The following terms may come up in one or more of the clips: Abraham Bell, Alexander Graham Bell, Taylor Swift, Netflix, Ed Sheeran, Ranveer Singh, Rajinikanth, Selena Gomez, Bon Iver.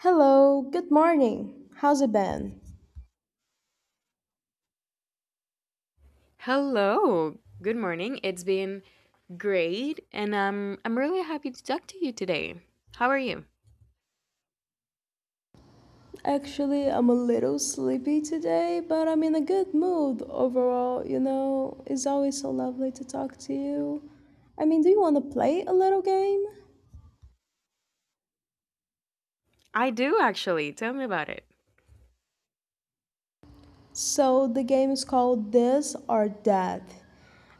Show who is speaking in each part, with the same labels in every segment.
Speaker 1: Hello, good morning. How's it been?
Speaker 2: Hello. Good morning. It's been great and I'm really happy to talk to you today. How are you?
Speaker 1: Actually, I'm a little sleepy today, but I'm in a good mood overall. You know, it's always so lovely to talk to you. Do you want to play a little game?
Speaker 2: I do actually. Tell me about it.
Speaker 1: So, the game is called This or That.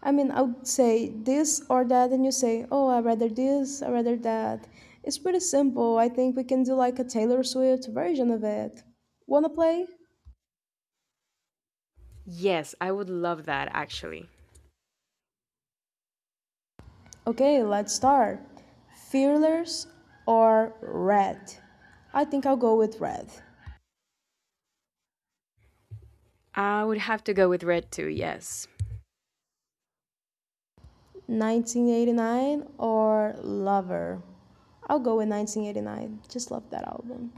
Speaker 1: I would say this or that, and you say, oh, I rather this, I rather that. It's pretty simple. I think we can do like a Taylor Swift version of it. Wanna play?
Speaker 2: Yes, I would love that actually.
Speaker 1: Okay, let's start. Fearless or Red? I think I'll go with Red.
Speaker 2: I would have to go with red too, yes.
Speaker 1: 1989 or Lover? I'll go with 1989. Just love that album.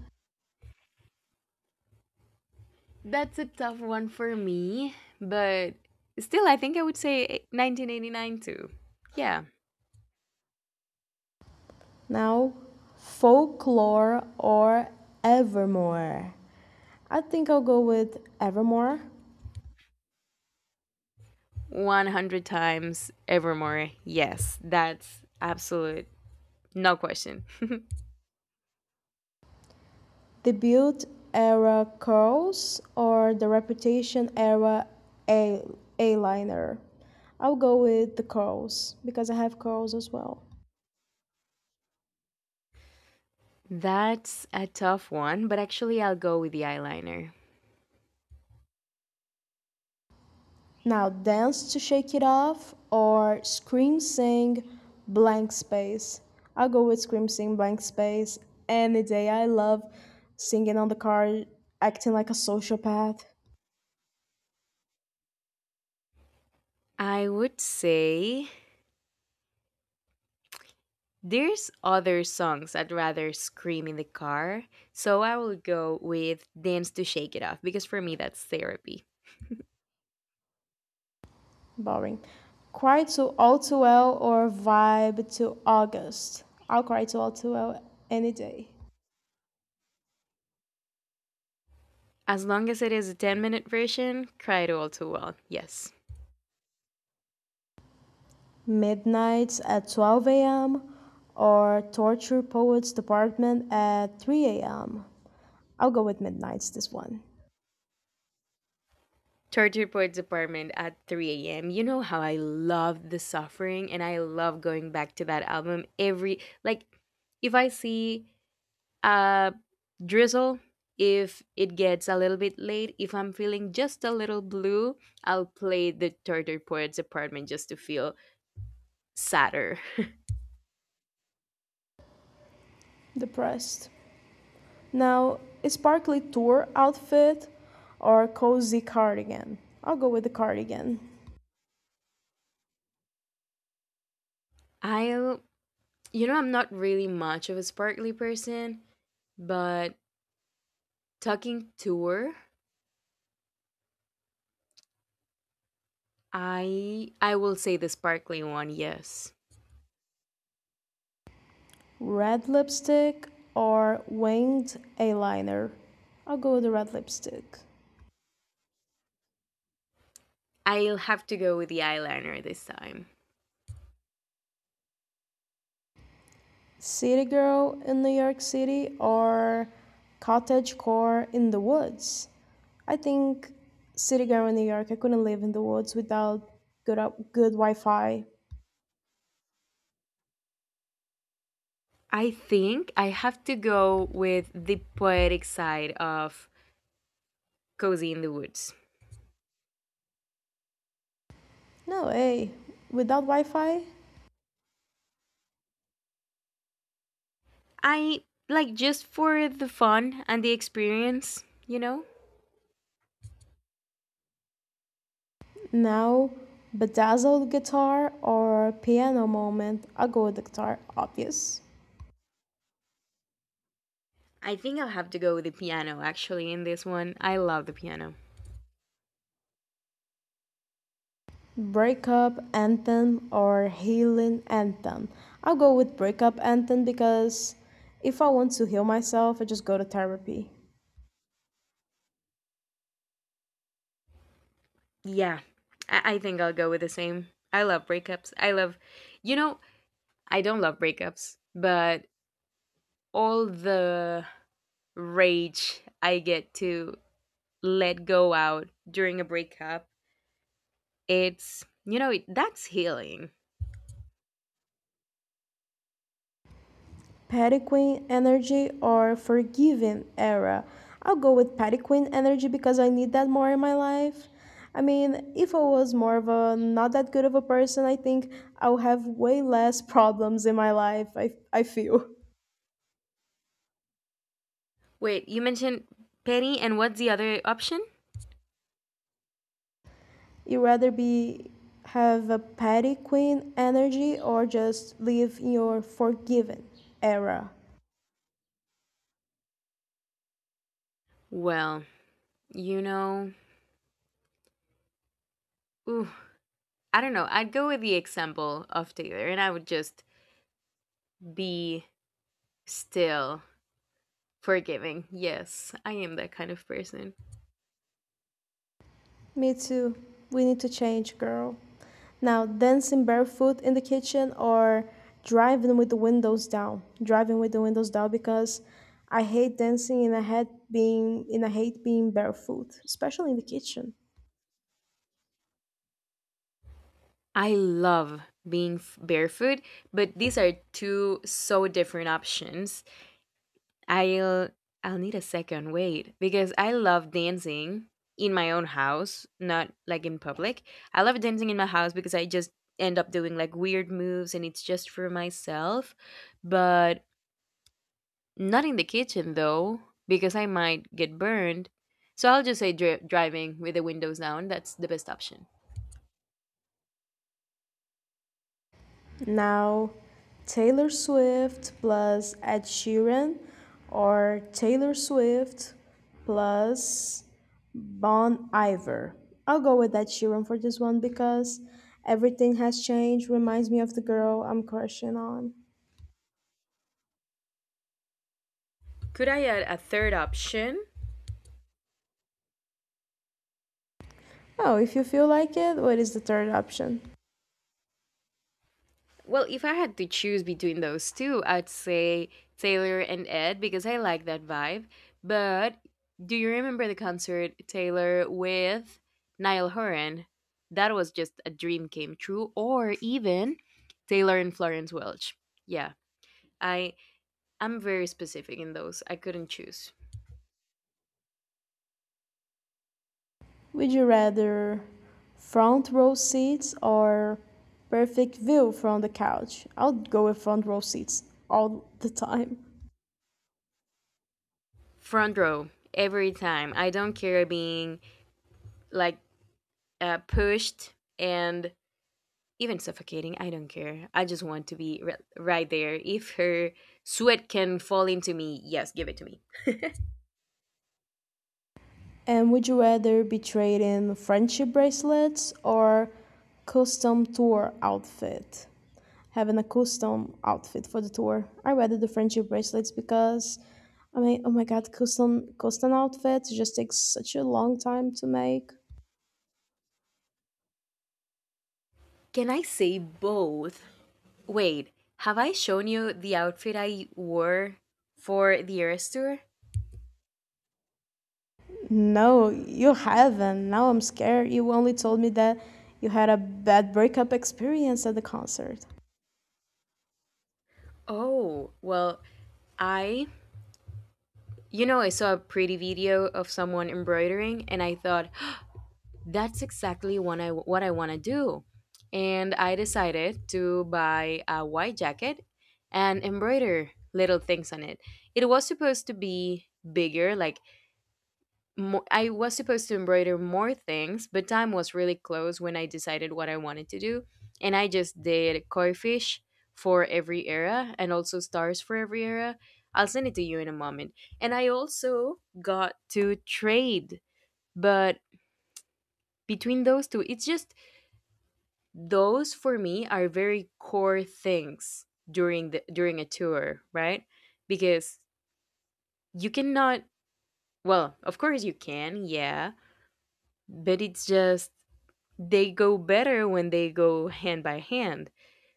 Speaker 2: That's a tough one for me, but still I think I would say 1989 too. Yeah.
Speaker 1: Now, Folklore or Evermore? I think I'll go with Evermore.
Speaker 2: 100 times evermore. Yes, that's absolute no question.
Speaker 1: The Build Era Curls or the Reputation Era A- Eyeliner? I'll go with the curls because I have curls as well.
Speaker 2: That's a tough one, but actually, I'll go with the eyeliner.
Speaker 1: Now, dance to shake it off or scream sing blank space. I'll go with scream sing blank space any day. I love singing on the car, acting like a sociopath.
Speaker 2: I would say there's other songs I'd rather scream in the car, so I will go with Dance to Shake It Off because for me, that's therapy.
Speaker 1: Boring. Cry to all too well or vibe to August. I'll cry to all too well any day.
Speaker 2: As long as it is a 10-minute version, cry it all too well, yes.
Speaker 1: Midnights at 12 a.m. or Torture Poets Department at 3 a.m.? I'll go with Midnights this one.
Speaker 2: Torture Report's apartment at 3 a.m. You know how I love the suffering and I love going back to that album every, if I see a drizzle if it gets a little bit late if I'm feeling just a little blue, I'll play the torture poets apartment just to feel sadder.
Speaker 1: Depressed. Now, a sparkly tour outfit or cozy cardigan? I'll go with the cardigan.
Speaker 2: I'll, you know, I'm not really much of a sparkly person, but talking tour, I will say the sparkly one, yes.
Speaker 1: Red lipstick or winged eyeliner? I'll go with the red lipstick.
Speaker 2: I'll have to go with the eyeliner this time.
Speaker 1: City Girl in New York City or Cottagecore in the Woods? I think City Girl in New York. I couldn't live in the woods without good, good Wi Fi.
Speaker 2: I think I have to go with the poetic side of cozy in the woods.
Speaker 1: No way. Without Wi Fi?
Speaker 2: I like just for the fun and the experience,
Speaker 1: Now, bedazzled guitar or piano moment? I go with the guitar, obvious.
Speaker 2: I think I'll have to go with the piano actually in this one. I love the piano.
Speaker 1: Breakup anthem or healing anthem? I'll go with breakup anthem because if I want to heal myself, I just go to therapy.
Speaker 2: Yeah, I think I'll go with the same. I love breakups. I love, you know, I don't love breakups, but all the rage I get to let go out during a breakup, it's, you know, it, that's healing.
Speaker 1: Petiquin energy or forgiving era? I'll go with Petiquin energy because I need that more in my life. If I was more of a not that good of a person, I think I'll have way less problems in my life, I feel.
Speaker 2: Wait, you mentioned petty, and what's the other option?
Speaker 1: You rather be have a Petiquin energy or just live in your forgiven era?
Speaker 2: Well, you know, ooh, I don't know. I'd go with the example of Taylor and I would just be still forgiving. Yes, I am that kind of person.
Speaker 1: Me too. We need to change, girl. Now, dancing barefoot in the kitchen or driving with the windows down? Driving with the windows down because I hate dancing and I hate being barefoot, especially in the kitchen.
Speaker 2: I love being barefoot, but these are two so different options. I'll I'll need a second wait because I love dancing in my own house, not like in public. I love dancing in my house because I just end up doing like weird moves and it's just for myself. But not in the kitchen though, because I might get burned. So I'll just say driving with the windows down. That's the best option.
Speaker 1: Now, Taylor Swift plus Ed Sheeran or Taylor Swift plus Bon Iver? I'll go with that Sheeran for this one because everything has changed. Reminds me of the girl I'm crushing on.
Speaker 2: Could I add a third option?
Speaker 1: Oh, if you feel like it, what is the third option?
Speaker 2: Well, if I had to choose between those two, I'd say Taylor and Ed because I like that vibe. But do you remember the concert Taylor with Niall Horan? That was just a dream came true. Or even Taylor and Florence Welch. Yeah, I I'm very specific in those. I couldn't choose.
Speaker 1: Would you rather front row seats or perfect view from the couch? I'll go with front row seats all the time.
Speaker 2: Front row every time. I don't care being like, pushed and even suffocating. I don't care. I just want to be right there. If her sweat can fall into me, yes, give it to me.
Speaker 1: And would you rather be trading friendship bracelets or custom tour outfit? Having a custom outfit for the tour. I rather the friendship bracelets because, oh my god, custom outfits just takes such a long time to make.
Speaker 2: Can I say both? Wait, have I shown you the outfit I wore for the Eras tour?
Speaker 1: No, you haven't. Now I'm scared. You only told me that you had a bad breakup experience at the concert.
Speaker 2: Oh, well, I, you know, I saw a pretty video of someone embroidering and I thought, that's exactly what I want to do. And I decided to buy a white jacket and embroider little things on it. It was supposed to be bigger, like, I was supposed to embroider more things, but time was really close when I decided what I wanted to do. And I just did koi fish for every era and also stars for every era. I'll send it to you in a moment. And I also got to trade, but between those two it's just those for me are very core things during the during a tour, right? Because you cannot, well of course you can, yeah, but it's just they go better when they go hand by hand.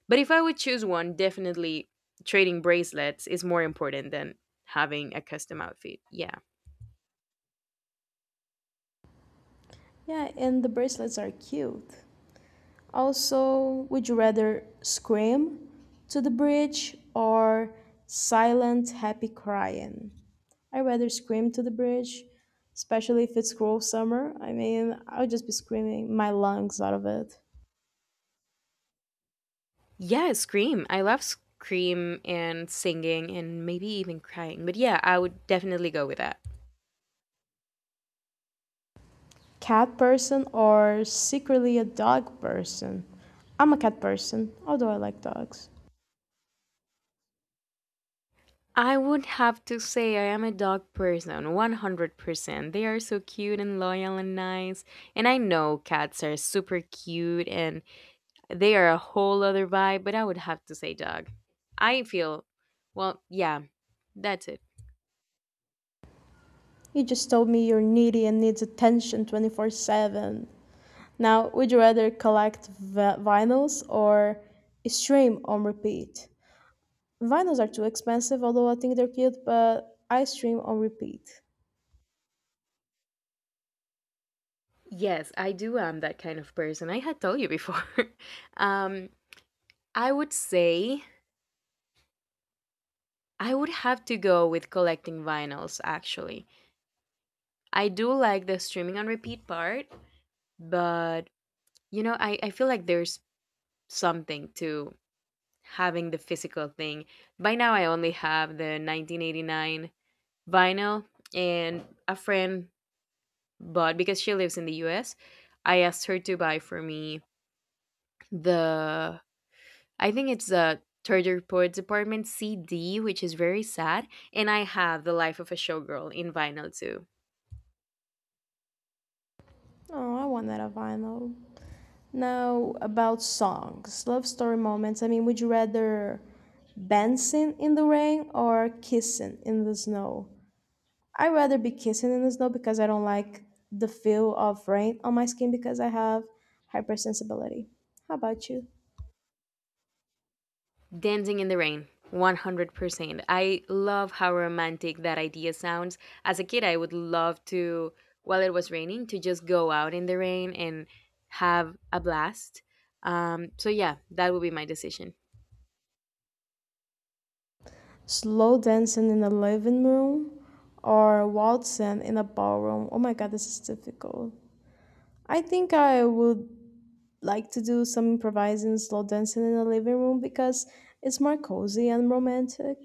Speaker 2: But if I would choose one, definitely trading bracelets is more important than having a custom outfit, yeah.
Speaker 1: Yeah, and the bracelets are cute. Also, would you rather scream to the bridge or silent happy crying? I rather scream to the bridge, especially if it's cruel summer. I'll just be screaming my lungs out of it.
Speaker 2: Yeah, scream, I love scream and singing and maybe even crying, but yeah, I would definitely go with that.
Speaker 1: Cat person or secretly a dog person? I'm a cat person, although I like dogs.
Speaker 2: I would have to say I am a dog person, 100%. They are so cute and loyal and nice. And I know cats are super cute and they are a whole other vibe, but I would have to say dog. I feel, well, yeah, that's it.
Speaker 1: You just told me you're needy and needs attention 24/7. Now, would you rather collect vinyls or stream on repeat? Vinyls are too expensive, although I think they're cute, but I stream on repeat.
Speaker 2: Yes, I do am that kind of person. I had told you before. um, I would say I would have to go with collecting vinyls, actually. I do like the streaming on repeat part, but you know, I feel like there's something to having the physical thing. By now, I only have the 1989 vinyl, and a friend bought because she lives in the US. I asked her to buy for me the, I think it's the Third Report Department CD, which is very sad. And I have The Life of a Showgirl in vinyl too.
Speaker 1: Oh, I want that a vinyl. Now, about songs, love story moments. Would you rather dancing in the rain or kissing in the snow? I rather be kissing in the snow because I don't like the feel of rain on my skin because I have hypersensibility. How about you?
Speaker 2: Dancing in the Rain, 100%. I love how romantic that idea sounds. As a kid, I would love to, while it was raining, to just go out in the rain and have a blast. Yeah, that would be my decision.
Speaker 1: Slow dancing in the living room or waltzing in a ballroom? Oh my god, this is difficult. I think I would like to do some improvising slow dancing in the living room because it's more cozy and romantic.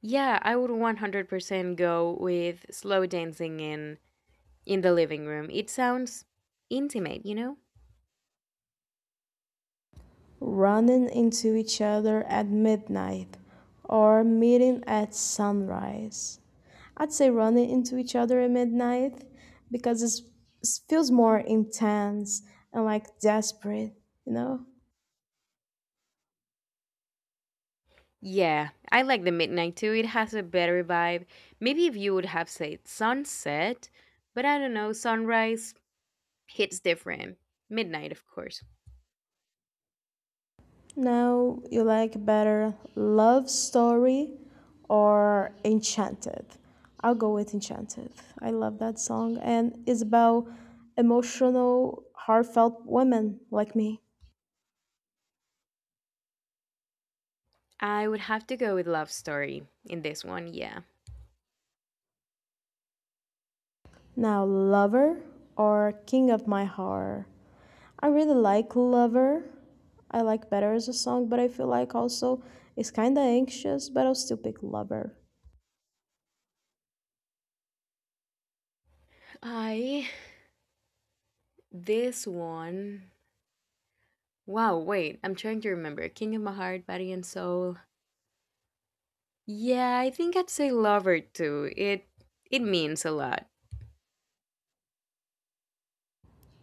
Speaker 2: Yeah, I would 100% go with slow dancing in the living room. It sounds intimate, you know?
Speaker 1: Running into each other at midnight or meeting at sunrise? I'd say running into each other at midnight because it feels more intense and like desperate, you know?
Speaker 2: Yeah, I like the midnight too. It has a better vibe. Maybe if you would have said sunset, but I don't know, sunrise hits different. Midnight, of course.
Speaker 1: Now you like better love story or enchanted? I'll go with enchanted. I love that song and it's about emotional, heartfelt women like me.
Speaker 2: I would have to go with Love Story in this one, yeah.
Speaker 1: Now lover or king of my heart? I really like lover. I like better as a song, but I feel like also it's kind of anxious, but I'll still pick lover.
Speaker 2: I. This one. Wow, wait, I'm trying to remember. King of My Heart, Body and Soul. Yeah, I think I'd say Lover too. It means a lot.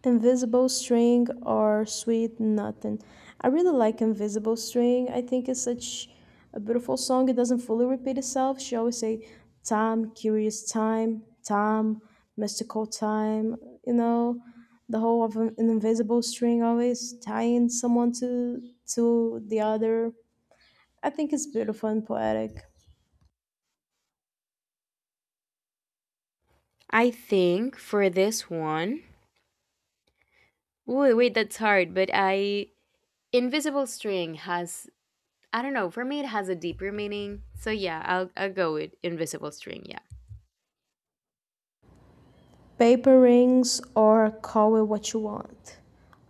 Speaker 1: Invisible String or Sweet Nothing? I really like Invisible String. I think it's such a beautiful song. It doesn't fully repeat itself. She always say time, curious time, time, mystical time. You know, the whole of an invisible string always tying someone to the other. I think it's beautiful and poetic.
Speaker 2: I think for this one. Ooh, wait, that's hard, but I. Invisible String has. I don't know, for me it has a deeper meaning. So yeah, I'll go with Invisible String, yeah.
Speaker 1: Paper Rings or Call It What You Want?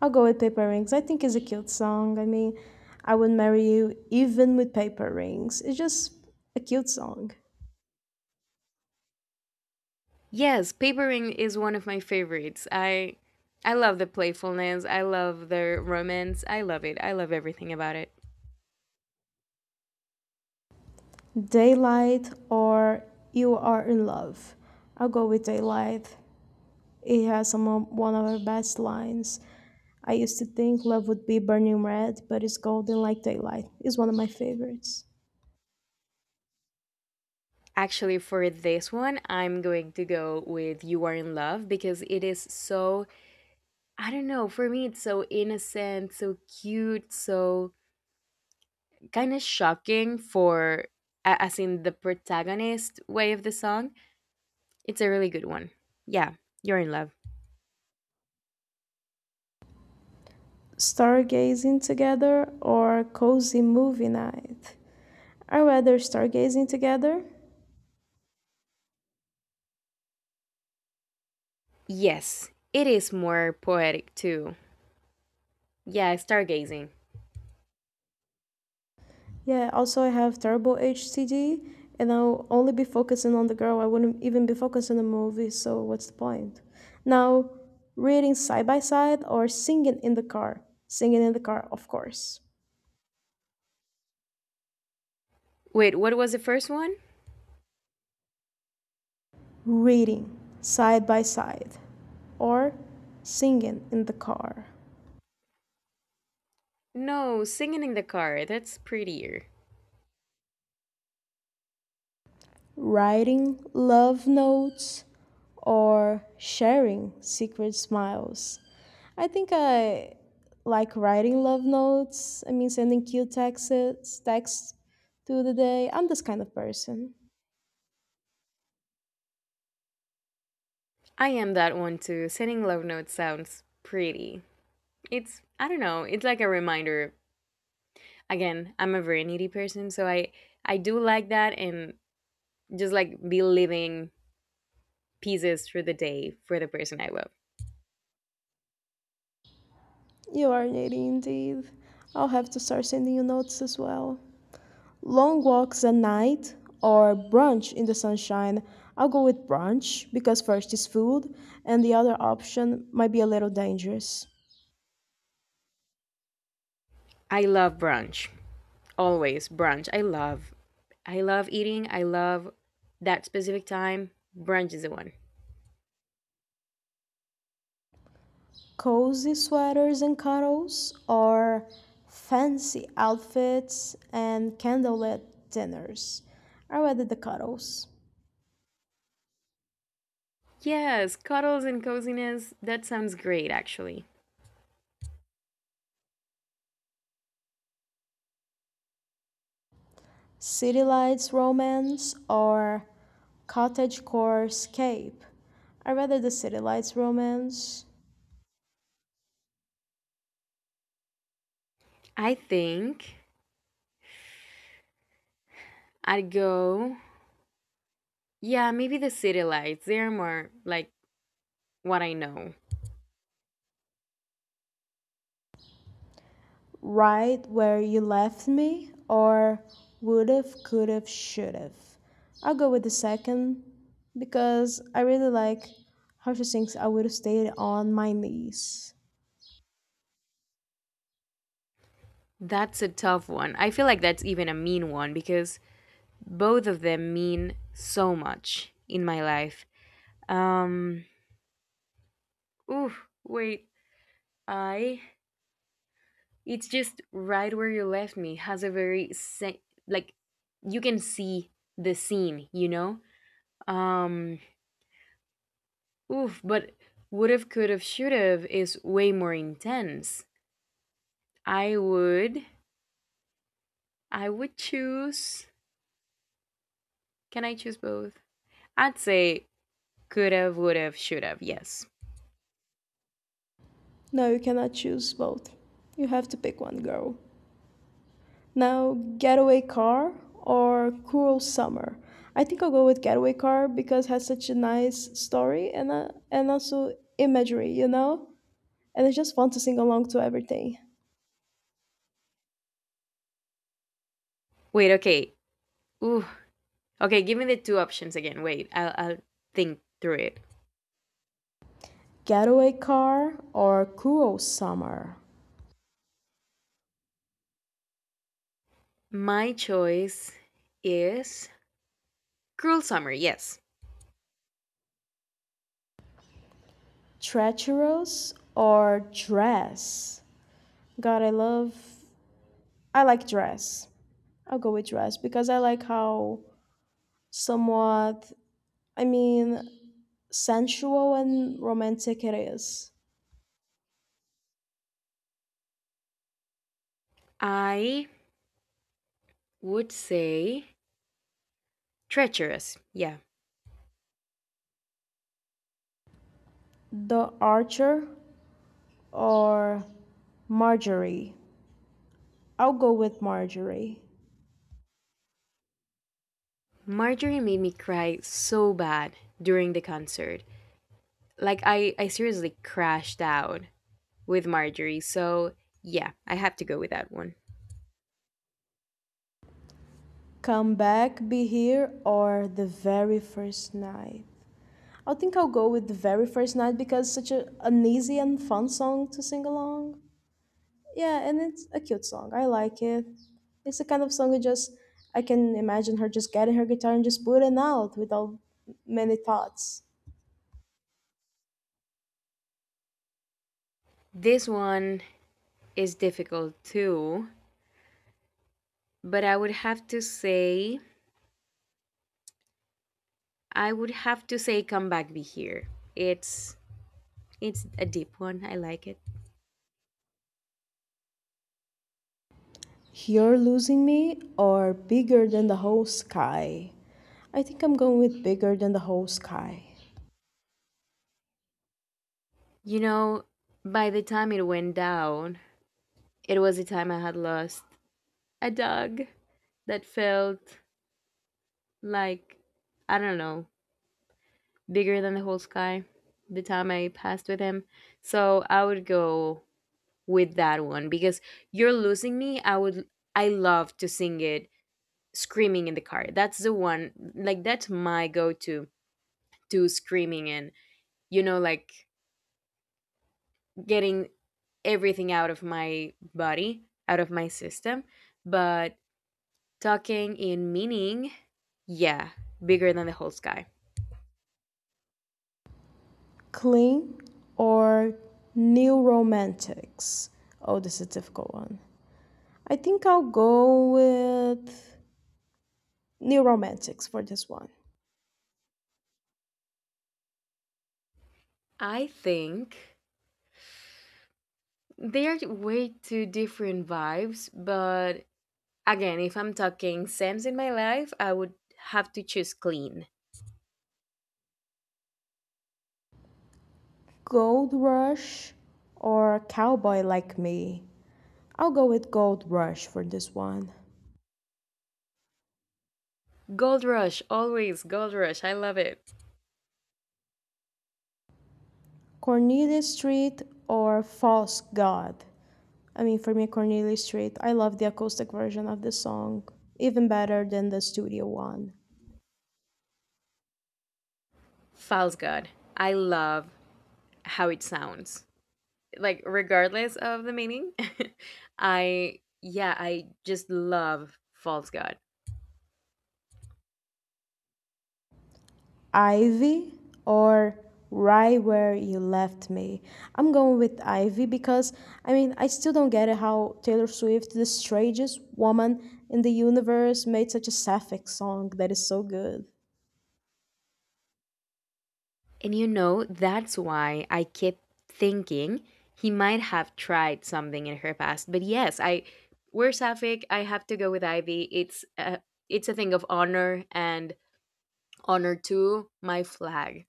Speaker 1: I'll go with Paper Rings. I think it's a cute song. I would marry you even with paper rings. It's just a cute song.
Speaker 2: Yes, Papering is one of my favorites. I love the playfulness, I love the romance, I love it. I love everything about it.
Speaker 1: Daylight or You Are in Love? I'll go with Daylight. It has one of our best lines. I used to think love would be burning red, but it's golden like daylight. It's one of my favorites.
Speaker 2: Actually, for this one, I'm going to go with You Are in Love because it is so, I don't know, for me it's so innocent, so cute, so kind of shocking for as in the protagonist way of the song. It's a really good one. Yeah, you're in love.
Speaker 1: Stargazing together or cozy movie night? I rather stargazing together.
Speaker 2: Yes, it is more poetic too. Yeah, stargazing.
Speaker 1: Yeah, also I have terrible HCD and I'll only be focusing on the girl. I wouldn't even be focusing on the movie, so what's the point? Now, reading side by side or singing in the car? Singing in the car, of course.
Speaker 2: Wait, what was the first one?
Speaker 1: Reading side by side or singing in the car.
Speaker 2: No, singing in the car. That's prettier.
Speaker 1: Writing love notes, or sharing secret smiles? I think I like writing love notes. Sending cute texts through the day. I'm this kind of person.
Speaker 2: I am that one too. Sending love notes sounds pretty. It's, I don't know, it's like a reminder. Again, I'm a very needy person, so I do like that and just like be living pieces through the day for the person I love.
Speaker 1: You are needy indeed. I'll have to start sending you notes as well. Long walks at night or brunch in the sunshine? I'll go with brunch because first is food, and the other option might be a little dangerous.
Speaker 2: I love brunch. Always brunch. I love eating. I love that specific time. Brunch is the one.
Speaker 1: Cozy sweaters and cuddles, or fancy outfits and candlelit dinners? I rather the cuddles.
Speaker 2: Yes, cuddles and coziness. That sounds great actually.
Speaker 1: City lights romance or cottagecore escape? I rather the city lights romance.
Speaker 2: I think I'd go. Yeah, maybe the city lights. They're more like what I know.
Speaker 1: Right where you left me, or would've, could've, should've? I'll go with the second because I really like how she sings I would have stayed on my knees.
Speaker 2: That's a tough one. I feel like that's even a mean one because both of them mean so much in my life. Um, ooh, wait. I. It's just right where you left me. Has a very like you can see the scene, you know? Um, oof, but would have, could have, should have is way more intense. I would I would choose, can I choose both? I'd say could have, would have, should have, yes.
Speaker 1: No, you cannot choose both. You have to pick one, girl. Now, getaway car or cruel summer? I think I'll go with getaway car because it has such a nice story and also imagery, you know. And it's just fun to sing along to everything.
Speaker 2: Wait, okay. Ooh. Okay, give me the two options again. Wait, I'll think through it.
Speaker 1: Getaway car or cruel summer.
Speaker 2: My choice is Cruel Summer, yes.
Speaker 1: Treacherous or dress? God, I love. I like dress. I'll go with dress because I like how somewhat. I mean, sensual and romantic it is.
Speaker 2: I would say treacherous, yeah.
Speaker 1: The Archer or Marjorie? I'll go with Marjorie.
Speaker 2: Marjorie made me cry so bad during the concert. Like I seriously crashed out with Marjorie. So, yeah, I have to go with that one.
Speaker 1: Come back, be here, or the very first night? I think I'll go with the very first night because it's such an easy and fun song to sing along. Yeah, and it's a cute song. I like it. It's the kind of song that just I can imagine her just getting her guitar and just booting out without many thoughts.
Speaker 2: This one is difficult too, but I would have to say come back be here. It's it's a deep one. I like it.
Speaker 1: You're losing me or bigger than the whole sky? I think I'm going with bigger than the whole sky.
Speaker 2: You know, by the time it went down, it was the time I had lost a dog that felt like, I don't know, bigger than the whole sky the time I passed with him. So I would go with that one because you're losing me, I love to sing it screaming in the car. That's the one, like that's my go-to to screaming and, you know, like getting everything out of my body out of my system. But talking in meaning, yeah, bigger than the whole sky.
Speaker 1: Clean or new romantics? Oh, this is a difficult one. I think I'll go with new romantics for this one.
Speaker 2: I think they are way too different vibes, but again, if I'm talking sam's in my life, I would have to choose clean.
Speaker 1: Gold Rush or Cowboy Like Me? I'll go with Gold Rush for this one.
Speaker 2: Gold Rush, always Gold Rush. I love it.
Speaker 1: Cornelius Street or False God? I mean, for me, Cornelius Street, I love the acoustic version of this song even better than the studio one.
Speaker 2: False God. I love how it sounds. Like regardless of the meaning, I, yeah, I just love False God.
Speaker 1: Ivy or Right Where You Left Me? I'm going with Ivy because, I still don't get it how Taylor Swift, the strangest woman in the universe, made such a sapphic song that is so good.
Speaker 2: And you know, that's why I kept thinking he might have tried something in her past. But yes, I we're Sapphic. I have to go with Ivy. It's a thing of honor and honor to my flag.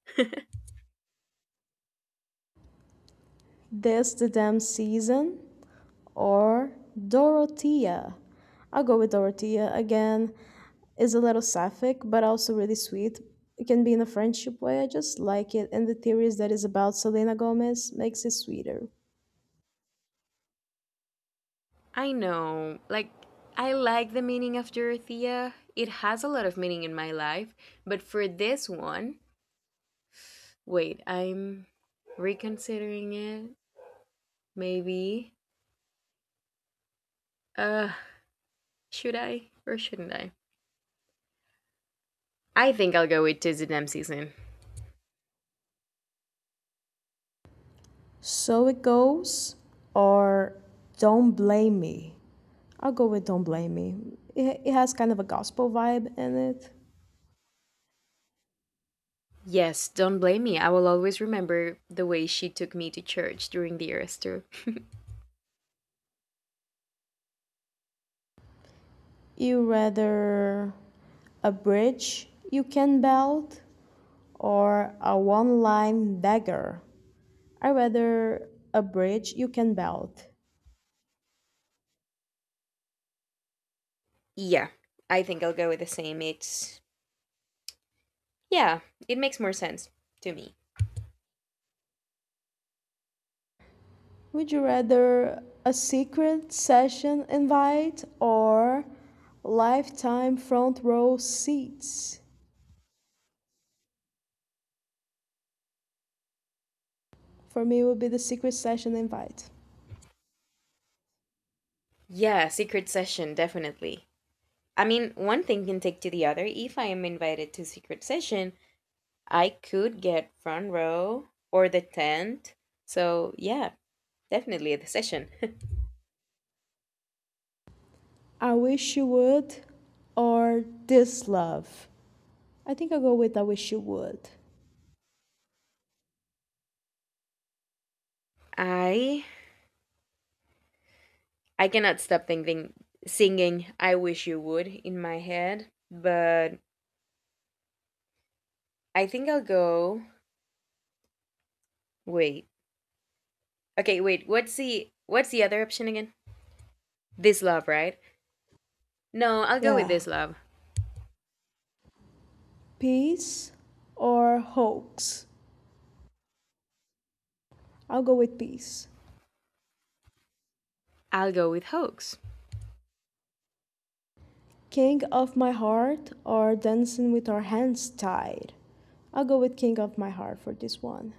Speaker 1: This the Damn Season or Dorothea? I'll go with Dorothea again. Is a little sapphic, but also really sweet. It can be in a friendship way. I just like it, and the theories that is about Selena Gomez makes it sweeter.
Speaker 2: I know. Like, I like the meaning of Dorothea. It has a lot of meaning in my life. But for this one, wait, I'm reconsidering it. Maybe. Uh, should I or shouldn't I? I think I'll go with Tizzy season.
Speaker 1: So it goes, or Don't Blame Me? I'll go with Don't Blame Me. It has kind of a gospel vibe in it.
Speaker 2: Yes, don't blame me. I will always remember the way she took me to church during the Eras tour.
Speaker 1: You rather a bridge you can belt or a one line dagger? I rather a bridge you can build.
Speaker 2: Yeah, I think I'll go with the same. It's. Yeah, it makes more sense to me.
Speaker 1: Would you rather a secret session invite or lifetime front row seats? For me, it would be the secret session invite.
Speaker 2: Yeah, Secret Session, definitely. I mean, one thing can take to the other. If I am invited to secret session, I could get front row or the tent. So yeah, definitely the session.
Speaker 1: I wish you would or this love? I think I'll go with I wish you would.
Speaker 2: I I cannot stop thinking singing I wish you would in my head, but I think I'll go wait. Okay, wait. What's the other option again? This love, right? No, I'll go with
Speaker 1: Yeah.
Speaker 2: this love.
Speaker 1: Peace or hoax? I'll go with peace.
Speaker 2: I'll go with hoax.
Speaker 1: King of My Heart or Dancing with Our Hands Tied? I'll go with King of My Heart for this one.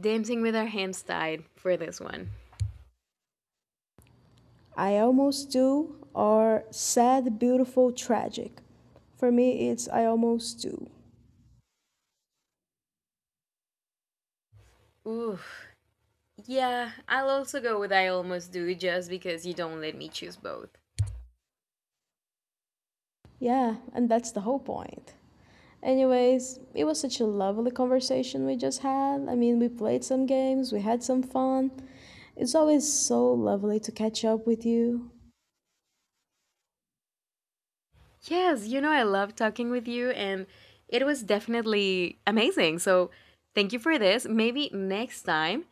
Speaker 2: Dancing with our hands tied for this one.
Speaker 1: I Almost Do or Sad, Beautiful, Tragic? For me, it's I Almost Do.
Speaker 2: Ooh, yeah, I'll also go with I almost do just because you don't let me choose both.
Speaker 1: Yeah, and that's the whole point. Anyways, it was such a lovely conversation we just had. We played some games, we had some fun. It's always so lovely to catch up with you.
Speaker 2: Yes, you know, I love talking with you, and it was definitely amazing. So, thank you for this. Maybe next time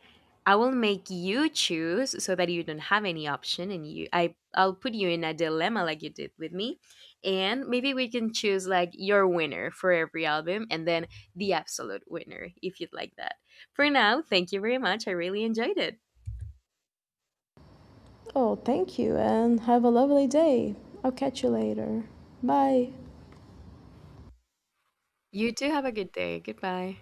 Speaker 2: I will make you choose so that you don't have any option, and you, I'll put you in a dilemma like you did with me, and maybe we can choose like your winner for every album, and then the absolute winner if you'd like that. For now, thank you very much. I really enjoyed it.
Speaker 1: Oh, thank you, and have a lovely day. I'll catch you later. Bye.
Speaker 2: You too have a good day. Goodbye.